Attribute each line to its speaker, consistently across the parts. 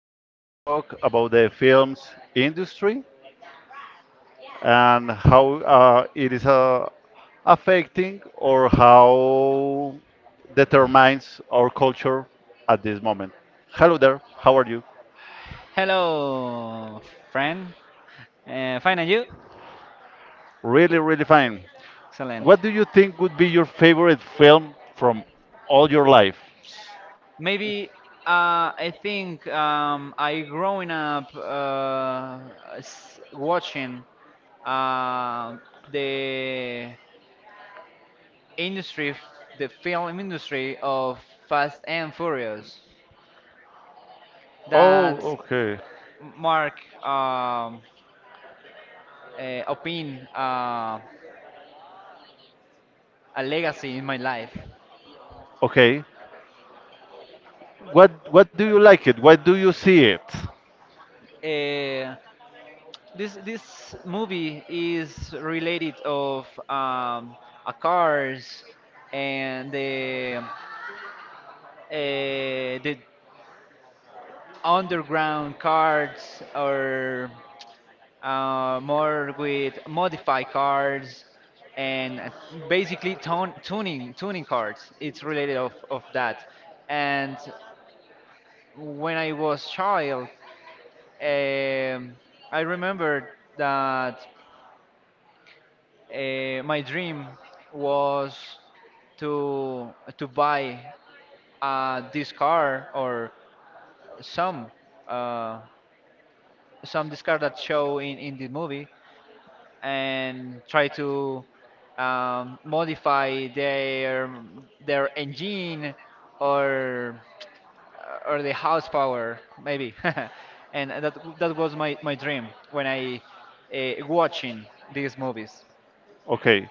Speaker 1: we're going to talk about the films industry and how it is affecting or how determines our culture at this moment. Hello there. How are you?
Speaker 2: Hello, friend. Fine, and you?
Speaker 1: Really, really fine.
Speaker 2: Excellent.
Speaker 1: What do you think would be your favorite film from all your life?
Speaker 2: Maybe I think, I growing up watching uh, the industry, f- the film industry of Fast and Furious.
Speaker 1: Oh,
Speaker 2: That
Speaker 1: okay.
Speaker 2: mark, um, opin a legacy in my life.
Speaker 1: Okay. What do you like it? Why do you see it?
Speaker 2: Uh, this movie is related of a cars, and the underground cars, or more with modified cars, and basically tone, tuning tuning cars. It's related of that. And when I was child, um, I remember that. My dream was to buy this car, or some uh, some this car that show in the movie, and try to modify their engine, or or the horsepower maybe. And that was my dream when I, watching these movies.
Speaker 1: Okay.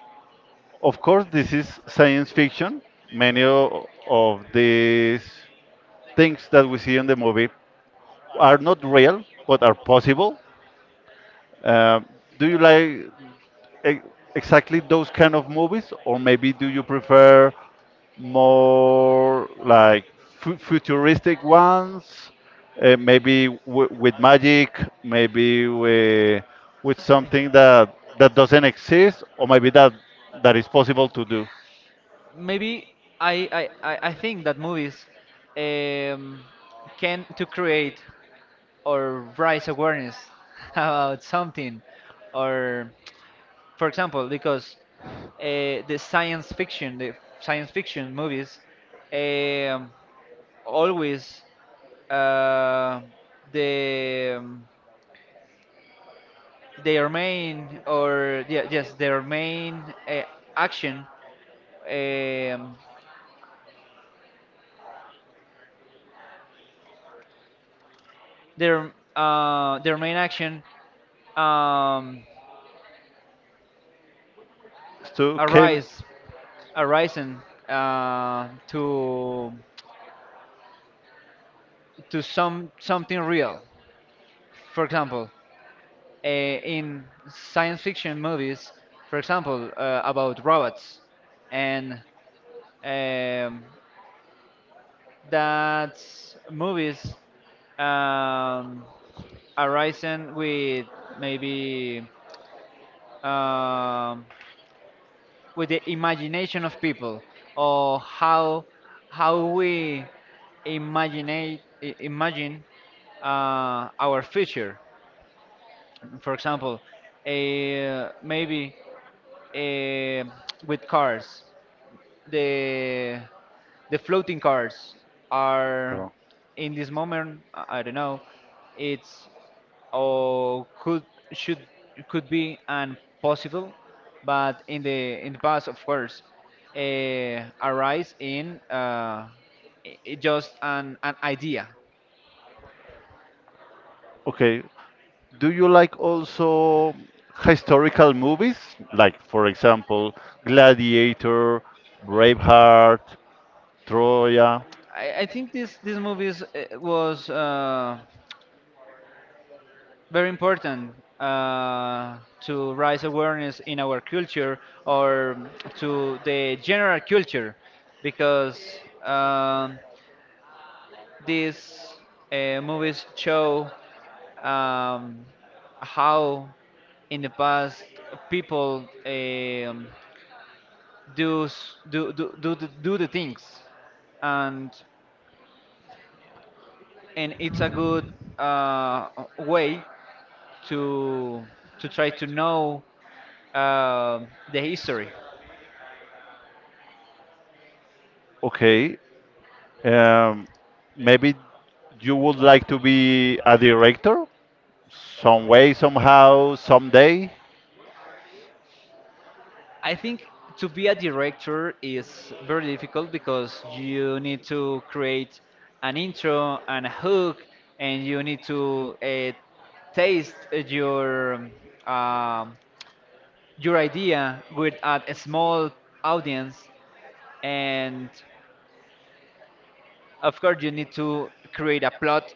Speaker 1: Of course, this is science fiction. Many of these things that we see in the movie are not real, but are possible. Um do you like e- exactly those kind of movies, or maybe do you prefer more like futuristic ones? Maybe with magic, maybe with something that doesn't exist, or maybe that is possible to do.
Speaker 2: Maybe I think that movies um, can to create or raise awareness, about something. Or for example, because the science fiction, the science fiction movies, um, always, uh, the um, their main, or yeah, yes, their main action, um, their their main action, um,
Speaker 1: So came.
Speaker 2: arise, arising uh, to to some something real. For example, in science fiction movies, for example, about robots. And um, that movies, um, arising with, maybe um, with the imagination of people, or how we imagine, i- imagine our future, for example. eh, maybe eh, with cars, the the floating cars are...
Speaker 1: Go.
Speaker 2: In this moment, I don't know, it's, or could, should, could be and possible. But in the past, of course, arise in, just an idea.
Speaker 1: Okay. Do you like also historical movies? Like, for example, Gladiator, Braveheart, Troya.
Speaker 2: I think this movie is, was very important, to raise awareness in our culture, or to the general culture, because these movies show, um, how in the past people, do, s- do, do, do the things. And and it's a good uh, way to try to know, the history.
Speaker 1: Okay. Um, Maybe you would like to be a director some way, somehow, someday.
Speaker 2: I think to be a director is very difficult, because you need to create an intro and a hook, and you need to taste um, your idea with a small audience, and of course you need to create a plot,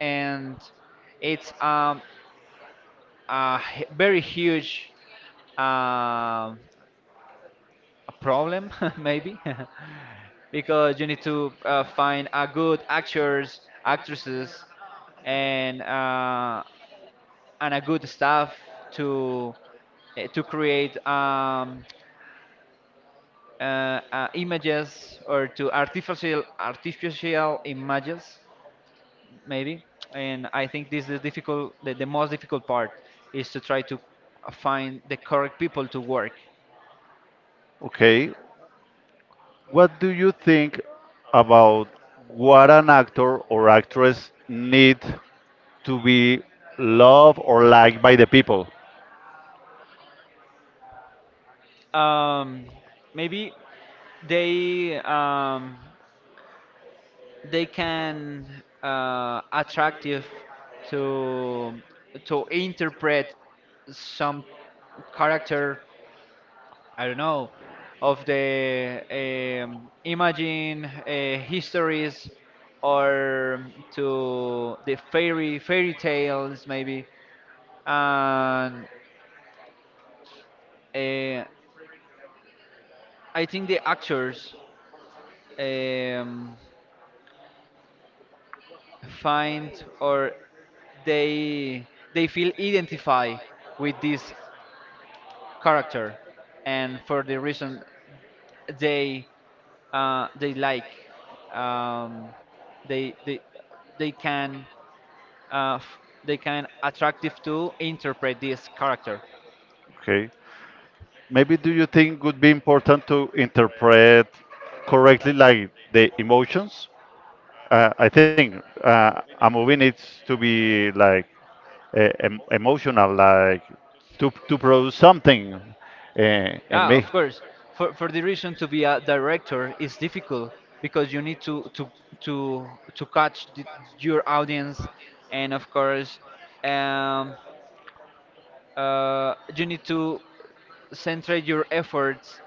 Speaker 2: and it's very huge um a problem, maybe. Because you need to find a good actors actresses, and uh, and a good staff to, to create, images, or to artificial images maybe. And I think this is difficult, the most difficult part is to try to find the correct people to work.
Speaker 1: Okay. What do you think about what an actor or actress need to be loved or liked by the people?
Speaker 2: um, Maybe they um, they can, attractive to interpret some character. I don't know, of the imagine histories, or to the fairy tales maybe. And uh, I think the actors, um, find or, they they feel identified with this character. And for the reason they, they like, um, they they they can, uh, f- they can attractive to interpret this character.
Speaker 1: Okay. Maybe do you think would be important to interpret correctly like the emotions? I think a movie needs to be like emotional, like to produce something in
Speaker 2: Yeah,
Speaker 1: me.
Speaker 2: of course. For the reason to be a director is difficult, because you need to catch your audience. And of course, um, you need to centrate your efforts,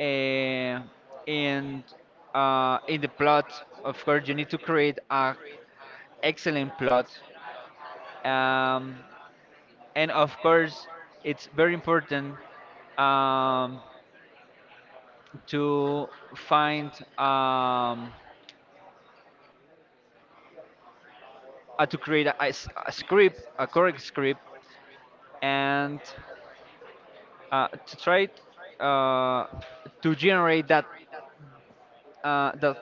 Speaker 2: uh, and in the plot. Of course, you need to create a excellent plot, um, and of course, it's very important. Um, to find, um, to create a script, a correct script, and to try uh, to generate that, uh, that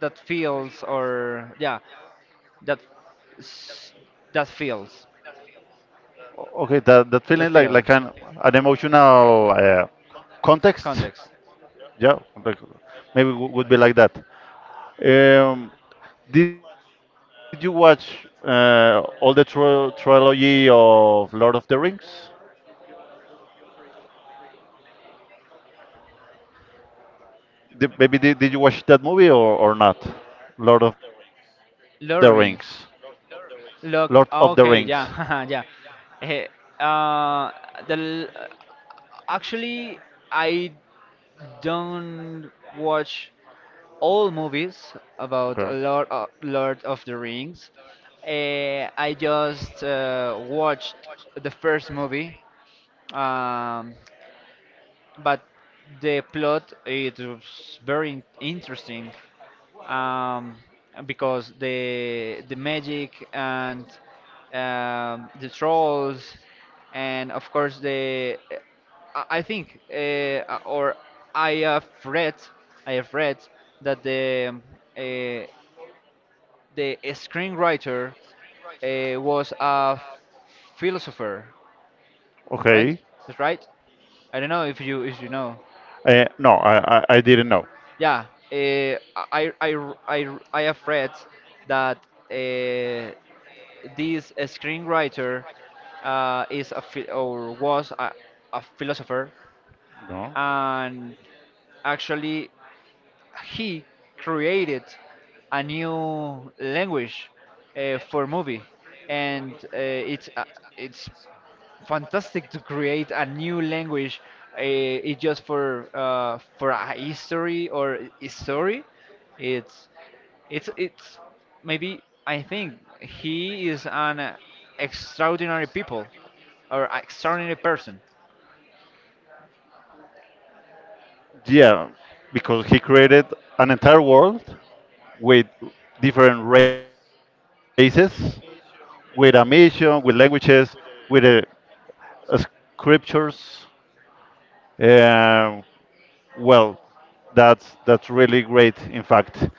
Speaker 2: that feels, or yeah, that s- that feels,
Speaker 1: Okay, that feeling like like
Speaker 2: that
Speaker 1: an
Speaker 2: feeling
Speaker 1: an emotional context.
Speaker 2: context.
Speaker 1: Yeah, like maybe would be like that. Um, did you watch all the tro trilogy of Lord of the Rings? Did you watch that movie or not? Lord of the Rings.
Speaker 2: Lawrence.
Speaker 1: Lord of the Rings.
Speaker 2: Look, okay, yeah. Yeah. Eh, uh, the l- Actually, I don't watch all movies about Lord of the Rings. I just watched the first movie. Um, but the plot, it was very interesting, um, because the magic, and the trolls, and of course the... I think, or I have read, I have read that the, uh, the screenwriter was a philosopher, right?
Speaker 1: Okay.
Speaker 2: That's right. I don't know if you, if you know.
Speaker 1: No, I didn't know.
Speaker 2: Yeah, uh, I have read that, uh, this screenwriter is a or was a philosopher.
Speaker 1: No.
Speaker 2: And actually he created a new language, for movie. And it's it's fantastic to create a new language. It just for, for a history or a story. It's it's maybe, I think he is an extraordinary people, or extraordinary person.
Speaker 1: Yeah, because he created an entire world with different races, with a mission, with languages, with uh, scriptures. Um well, that's really great, in fact.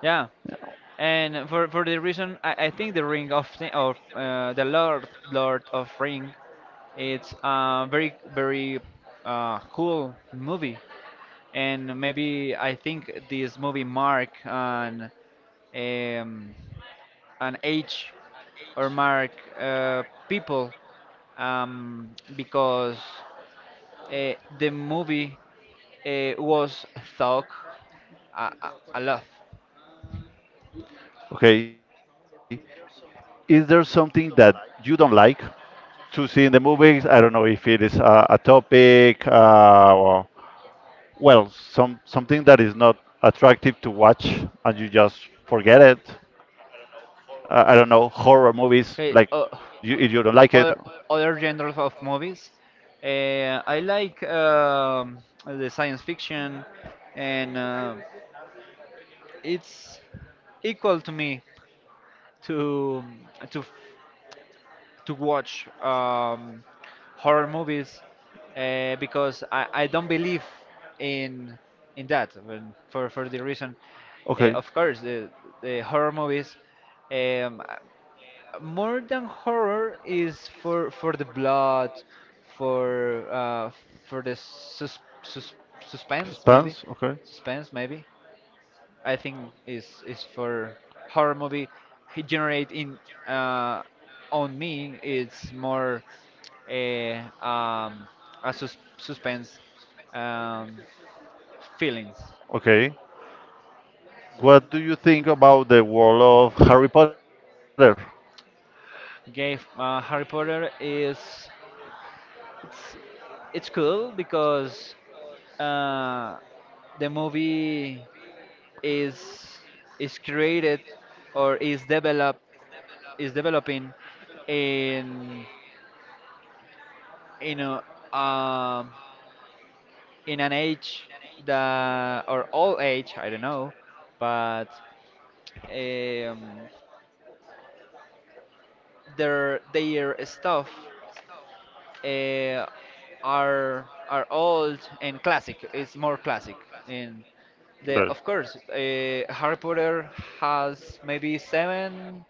Speaker 2: Yeah, and for the reason, I think the ring of of the Lord of Ring, it's a very very cool movie. And maybe I think this movie mark um, an age, or mark uh, people, because the movie was thought a lot.
Speaker 1: Okay, is there something that you don't like to see in the movies? I don't know if it is a topic, or, well, something that is not attractive to watch, and you just forget it. I don't know, horror movies. Like,
Speaker 2: Okay,
Speaker 1: you, if you don't like it,
Speaker 2: other other genres of movies. I like, the science fiction, and it's equal to me to to to watch, horror movies, because I don't believe in that, for the reason.
Speaker 1: okay.
Speaker 2: Of course, the horror movies, um, more than horror, is for the blood, for, for the suspense maybe.
Speaker 1: Spans, okay.
Speaker 2: Suspense, maybe I think is, for horror movie, he generate in, uh, on me, it's more a, a suspense, um, feelings.
Speaker 1: Okay. What do you think about the world of Harry Potter?
Speaker 2: Okay, Harry Potter is, it's cool because uh, the movie is, created, or is developed, is developing, in you know, um, in an age that, or old age, I don't know. But um, their stuff, uh, are old and classic. It's more classic. And the of course, Harry Potter has maybe seven,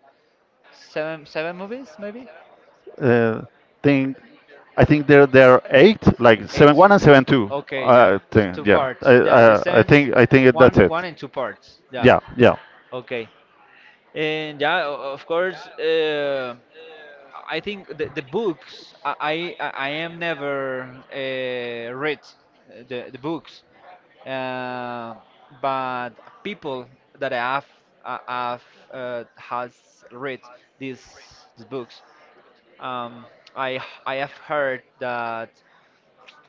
Speaker 2: seven, seven movies, maybe.
Speaker 1: Uh, think I think there are eight, like seven one and
Speaker 2: Eight.
Speaker 1: seven two.
Speaker 2: Okay,
Speaker 1: I
Speaker 2: yeah. It's
Speaker 1: think
Speaker 2: two
Speaker 1: yeah. I
Speaker 2: parts. Yeah, the
Speaker 1: I, I
Speaker 2: seven,
Speaker 1: think I think that's it.
Speaker 2: one and two parts. Yeah.
Speaker 1: Yeah, yeah.
Speaker 2: Okay. And yeah, of course, I think the books, I am never read the books. Uh, but people that I have, has read these, these books. Um, I I have heard that,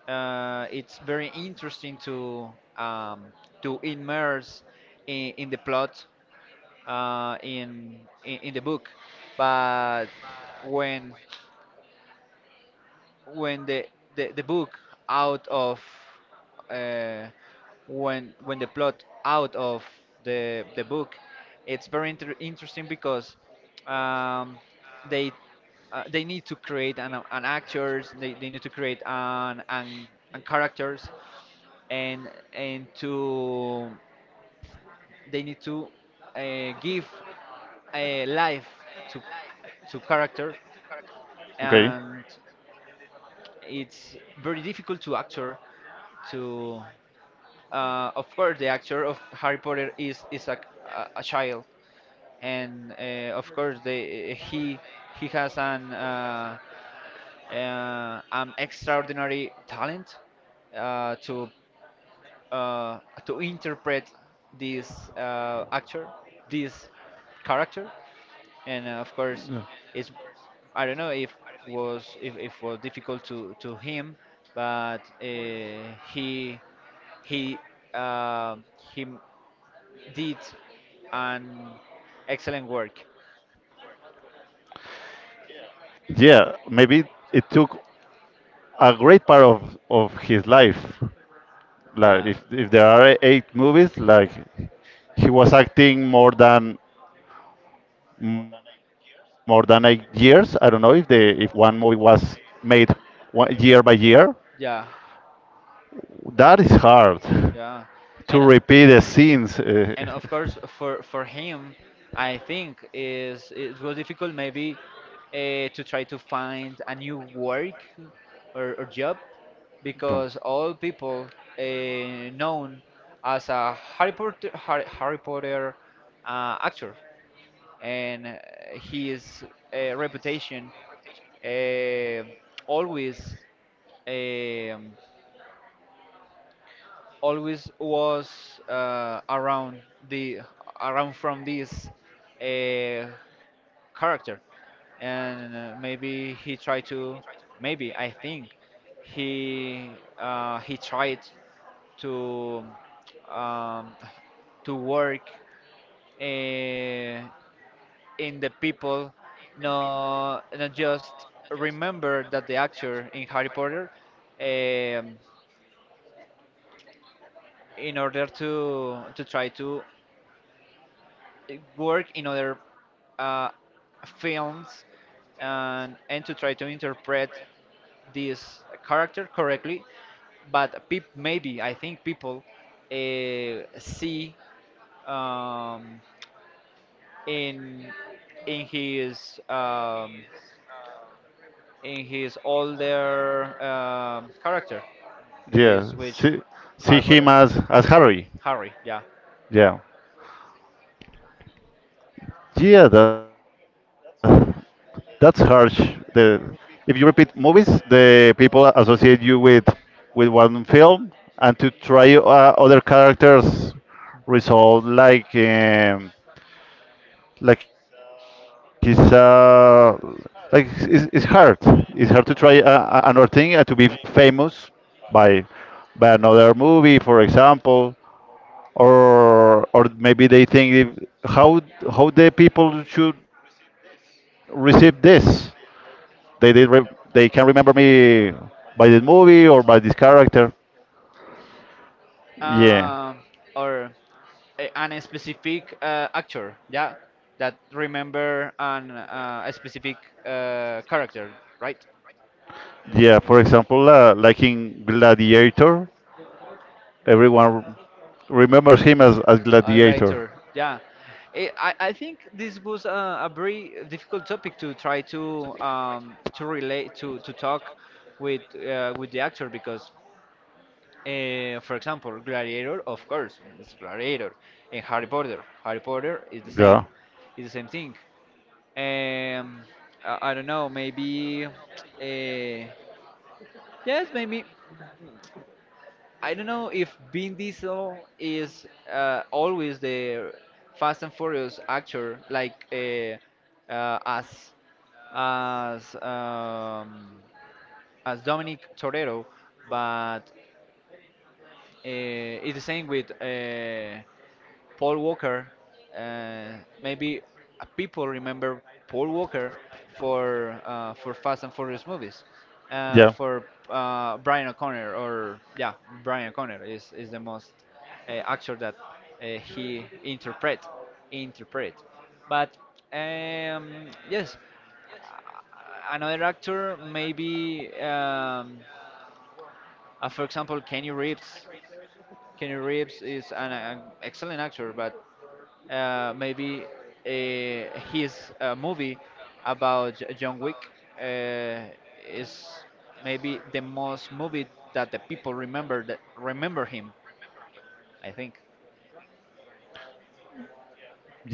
Speaker 2: it's very interesting to, um, to immerse in the plot, in the book. But when when the book, out of, uh, when the plot, out of the book, it's very interesting, because, um, they, they need to create an actors, they need to create an characters, and to, they need to give a life to character. And it's very difficult to actor to. Of course, the actor of Harry Potter is, a child. And of course he, has an extraordinary talent, uh, to uh, to interpret this, actor, this character. And of course, it's, I don't know if was, if was difficult to him. But he uh, he did an excellent work.
Speaker 1: Yeah, maybe it took a great part of his life. Like,
Speaker 2: Yeah,
Speaker 1: if there are eight movies, like he was acting more than 8 years. I don't know if the if one movie was made one, year by year.
Speaker 2: yeah.
Speaker 1: That is hard
Speaker 2: Yeah,
Speaker 1: to
Speaker 2: and
Speaker 1: repeat the scenes.
Speaker 2: and of course for him, I think is, it was difficult maybe, to try to find a new work, or job. Because all people, uh, known as a Harry Potter actor. And his reputation, uh, always, um always was around the around from this uh, character. And maybe he tried to, maybe I think he, he tried to, um, to work, uh, in the people, no, not just remember that the actor in Harry Potter, um, in order to try to, work in other uh, films, and to try to interpret this character correctly. But peop maybe I think people, see, um, in his, in his older character
Speaker 1: Yeah,
Speaker 2: is, which,
Speaker 1: see
Speaker 2: Harry
Speaker 1: him
Speaker 2: Potter,
Speaker 1: as Harry.
Speaker 2: Harry, yeah.
Speaker 1: Yeah. Yeah, that's harsh. The if you repeat movies, the people associate you with one film, and to try other characters result like it's like it's hard. It's hard to try another thing to be famous by by another movie, for example, or maybe they think if, how the people should receive this. They they re, they can remember me by this movie or by this character. Yeah,
Speaker 2: um, or an specific actor, yeah, that remember an, a specific character, right?
Speaker 1: yeah. For example, like in Gladiator, everyone remembers him as
Speaker 2: A
Speaker 1: Gladiator.
Speaker 2: writer, yeah. I think this was a very difficult topic to try to, to relate to, talk with, with the actor, because... For example, Gladiator, of course, it's Gladiator, and Harry Potter. Harry Potter
Speaker 1: Yeah,
Speaker 2: is the same thing. Um, I don't know, maybe, yes, maybe. I don't know if Vin Diesel is always the Fast and Furious actor, like, uh, as as um, as Dominic Torero, but... It's the same with Paul Walker. Maybe people remember Paul Walker for, for Fast and Furious movies,
Speaker 1: yeah.
Speaker 2: for, Brian O'Connor, or yeah. Brian O'Connor is, the most actor that he interpret. But yes, another actor maybe, for example Kenny Reeves. Kenny Reeves is an excellent actor. But maybe his movie about John Wick uh, is maybe the most movie that the people remember, that remember him, I think.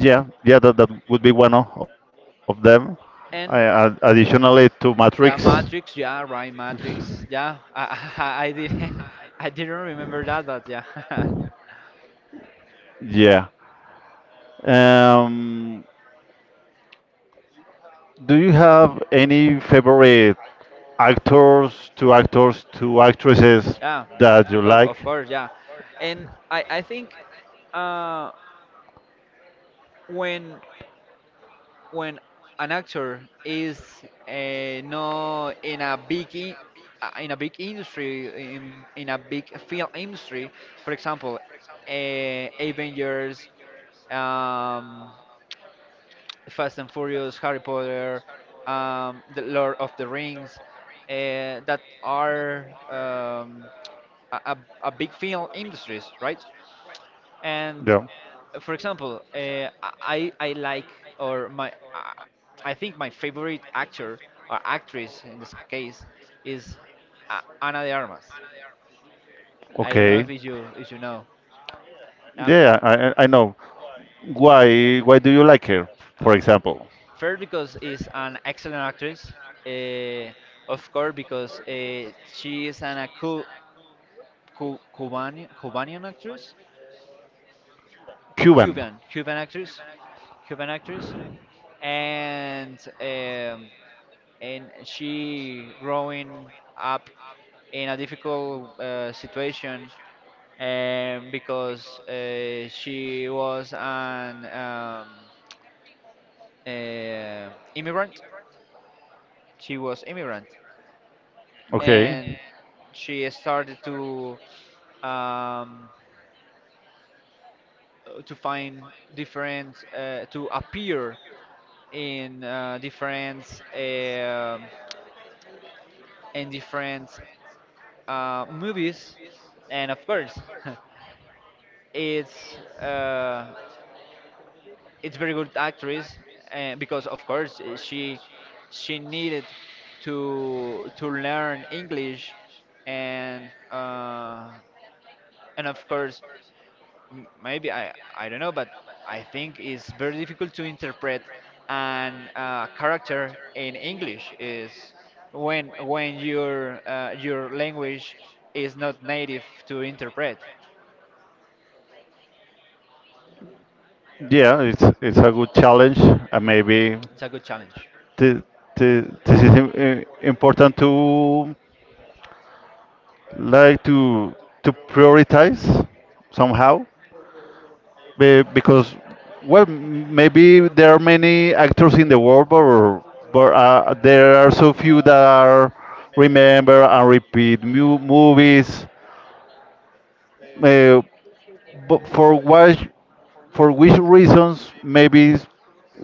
Speaker 1: Yeah, yeah, that would be one of them.
Speaker 2: And
Speaker 1: Additionally, to
Speaker 2: yeah,
Speaker 1: Matrix.
Speaker 2: Matrix. Yeah, right, Matrix. Yeah, I I didn't I didn't remember that, but yeah.
Speaker 1: Yeah. Um, do you have any favorite actors, two actresses
Speaker 2: Yeah, you
Speaker 1: that
Speaker 2: like? Of
Speaker 1: you
Speaker 2: course,
Speaker 1: like?
Speaker 2: of course, yeah. And I think uh, when when an actor is not in a big in a big industry in a big film industry, for example, Avengers, um, Fast and Furious, Harry Potter, The Lord of the Rings, that are a a big film industries, right? And
Speaker 1: Yeah.
Speaker 2: for example, I like or my. I think my favorite actor or actress in this case is Ana de Armas. I don't know
Speaker 1: Okay.
Speaker 2: if you know. Yeah.
Speaker 1: Yeah, I know. Why do you like her? For
Speaker 2: uh,
Speaker 1: example,
Speaker 2: First, because is an excellent actress. Uh, of course, because she is an a Cuban Cubanian actress,
Speaker 1: Cuban.
Speaker 2: Cuban actress, Cuban actress, and um, and she growing up in a difficult situation because she was an uh, immigrant, she was immigrant. And
Speaker 1: Okay.
Speaker 2: she started um, to find different to appear in different in different movies. And of course it's uh, it's very good actress. And because of course she needed to learn English. And and of course maybe I don't know, but I think it's very difficult to interpret an character in English is when your language is not native to interpret.
Speaker 1: Yeah, it's a good challenge, and maybe
Speaker 2: It's a good challenge.
Speaker 1: th th this is important to, like, to prioritize somehow. Because, well, maybe there are many actors in the world, but, but there are so few that are remember and repeat movies, uh, but for what for which reasons maybe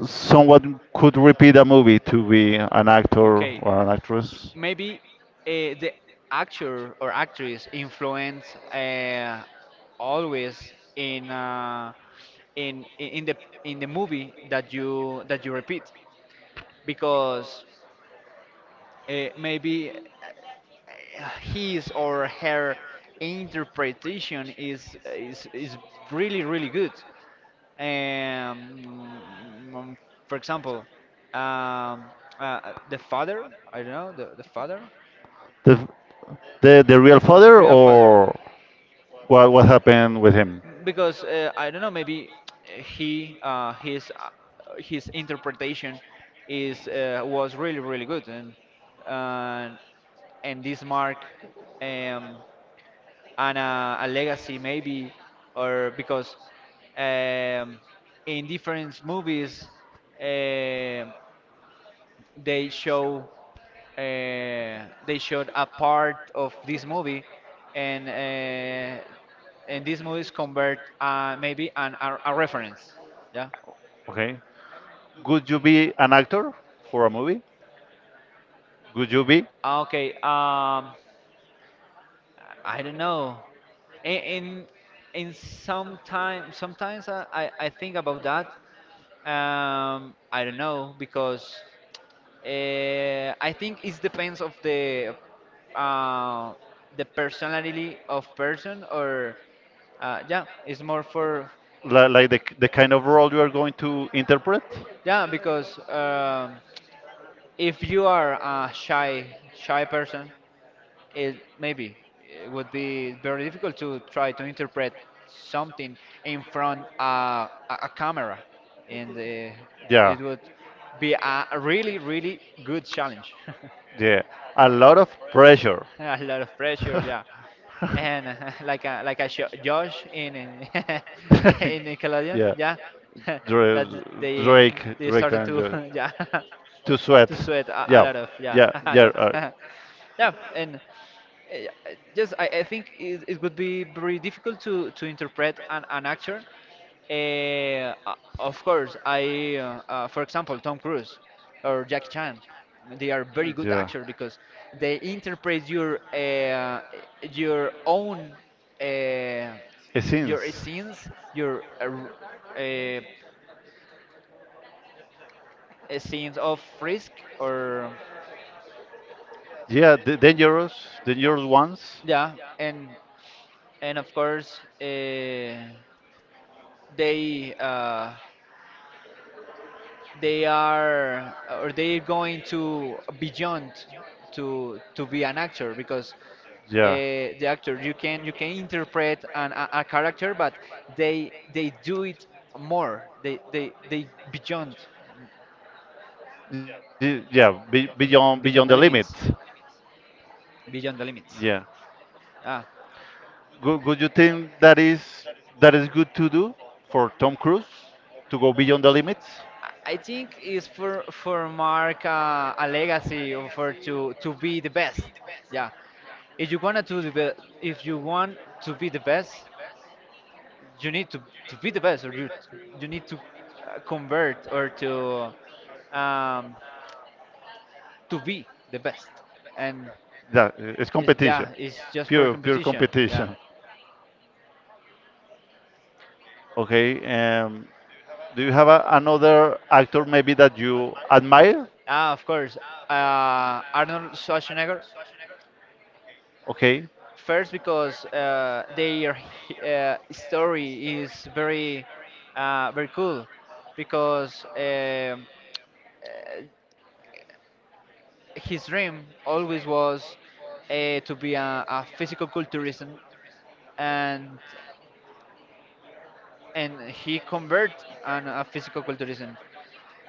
Speaker 1: someone could repeat a movie to be an actor
Speaker 2: Okay.
Speaker 1: or an actress.
Speaker 2: Maybe the actor or actress influence always in in the in the movie that you repeat, because maybe his or her interpretation is really really good. Um, mm, for example, um, the father, I don't know, the father,
Speaker 1: The the, the real father,
Speaker 2: Real father.
Speaker 1: or what happened with him?
Speaker 2: Because I don't know, maybe he his interpretation is was really really good, and and and this mark um, and a legacy maybe, or because um, in different movies. um they show uh, they showed a part of this movie, and uh, and these movies convert maybe a reference. Yeah.
Speaker 1: Okay, could you be an actor for a movie? Could you be,
Speaker 2: Ah, okay. I don't know. In and sometimes I think about that. I don't know because I think it depends of uh, the personality of person or yeah, it's more for,
Speaker 1: like, the kind of role you are going to interpret?
Speaker 2: yeah, because if you are a shy person, it maybe it would be very difficult to try to interpret something in front a camera. And
Speaker 1: Yeah,
Speaker 2: it would be a really really good challenge.
Speaker 1: yeah, a lot of pressure.
Speaker 2: A lot of pressure, yeah. And like a sho Josh in in Nickelodeon,
Speaker 1: Yeah,
Speaker 2: yeah.
Speaker 1: Drake,
Speaker 2: That they
Speaker 1: Drake,
Speaker 2: they
Speaker 1: Drake,
Speaker 2: started
Speaker 1: and
Speaker 2: to yeah
Speaker 1: To sweat.
Speaker 2: to sweat a
Speaker 1: Yeah,
Speaker 2: lot of, yeah.
Speaker 1: yeah,
Speaker 2: A
Speaker 1: yeah.
Speaker 2: lot. Yeah, and just I think it would be very difficult to interpret an actor, of course I for example Tom Cruise or Jackie Chan. They are very good
Speaker 1: Yeah.
Speaker 2: actors because they interpret your own uh, your
Speaker 1: Essence.
Speaker 2: scenes, your uh, scenes of risk, or
Speaker 1: Yeah, the dangerous, dangerous ones.
Speaker 2: yeah, and of course they uh, they are or they're going to beyond to be an actor because uh,
Speaker 1: Yeah,
Speaker 2: the actor you can interpret a character, but they do it more they beyond,
Speaker 1: Yeah, be, beyond
Speaker 2: beyond
Speaker 1: beyond
Speaker 2: the
Speaker 1: the limit.
Speaker 2: limits, beyond the limits.
Speaker 1: Yeah,
Speaker 2: Ah,
Speaker 1: Would you think that is good to do for Tom Cruise to go beyond the limits?
Speaker 2: I think it's for mark a legacy or for to be the best. Yeah, if you wanna to if you want to be the best, you need to be the best, or you need to convert or um, to be the best. And
Speaker 1: That, it's
Speaker 2: it's,
Speaker 1: competition,
Speaker 2: yeah, it's just for
Speaker 1: pure
Speaker 2: competition. Yeah.
Speaker 1: competition. Okay. Do you have another actor maybe that you admire?
Speaker 2: Ah, of course. Arnold Schwarzenegger.
Speaker 1: Okay.
Speaker 2: First, because their story is very, very cool. Because his dream always was to be a physical culturism, and and he convert on a physical culturism,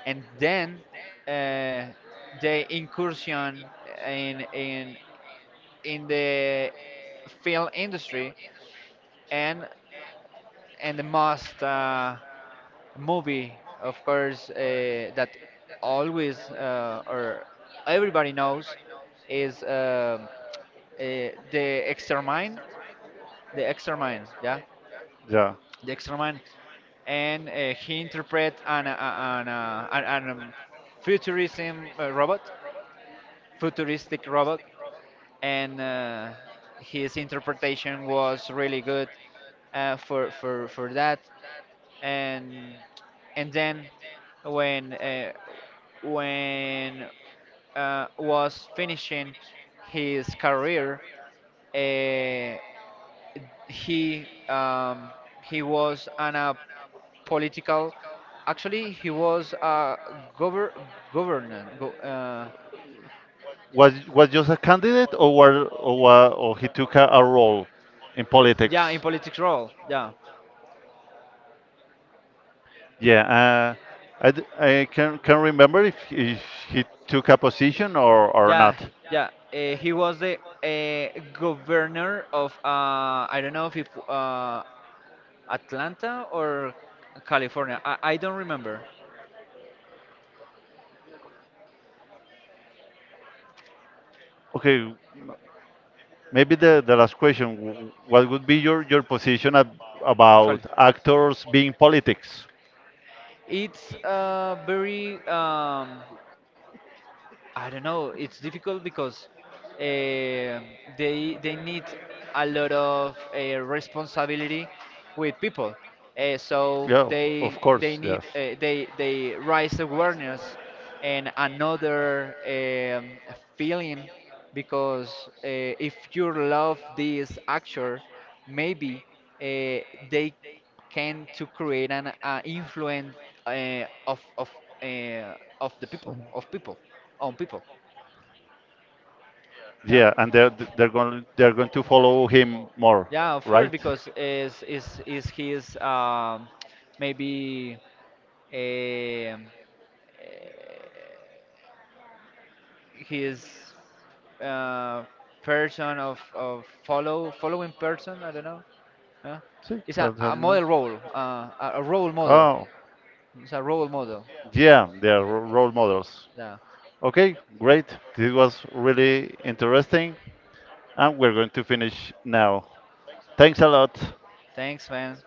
Speaker 2: and then uh, the incursion in in the film industry. and and the most movie, of course, that always or everybody knows is the Extermine, the Extermine, yeah,
Speaker 1: Yeah.
Speaker 2: the Extermine. And he interpret an futurism robot, futuristic robot. And his interpretation was really good for for that. And and then when uh, when was finishing his career, uh, he um, he was on a political. Actually, he was a govern governor.
Speaker 1: Was just a candidate, or or he took a role in
Speaker 2: Yeah, in
Speaker 1: politics?
Speaker 2: politics role. Yeah.
Speaker 1: Yeah. I can remember if he took a position or not.
Speaker 2: Yeah, yeah. He was the governor of I don't know if it, Atlanta or California. I don't remember.
Speaker 1: Okay. Maybe the last question, what would be your position
Speaker 2: Cali-
Speaker 1: about actors being politics?
Speaker 2: It's very I don't know. It's difficult because um they need a lot of responsibility with people. So
Speaker 1: Yeah, of
Speaker 2: they
Speaker 1: course,
Speaker 2: need
Speaker 1: yes.
Speaker 2: , they raise awareness, and another feeling, because if you love this actor, maybe they can to create an influence uh, of of uh, of the people
Speaker 1: So-
Speaker 2: of people on people, yeah.
Speaker 1: Yeah, and they're going to follow him more,
Speaker 2: Yeah, of course,
Speaker 1: right?
Speaker 2: because is his maybe um, uh, his uh, person of follow following person, I don't know, yeah?
Speaker 1: See,
Speaker 2: It's
Speaker 1: that's
Speaker 2: a
Speaker 1: nice.
Speaker 2: model role a role model.
Speaker 1: Oh,
Speaker 2: It's a role model.
Speaker 1: yeah, they are role models.
Speaker 2: Yeah.
Speaker 1: Okay, great. This was really interesting, and we're going to finish now. Thanks a lot.
Speaker 2: Thanks, man.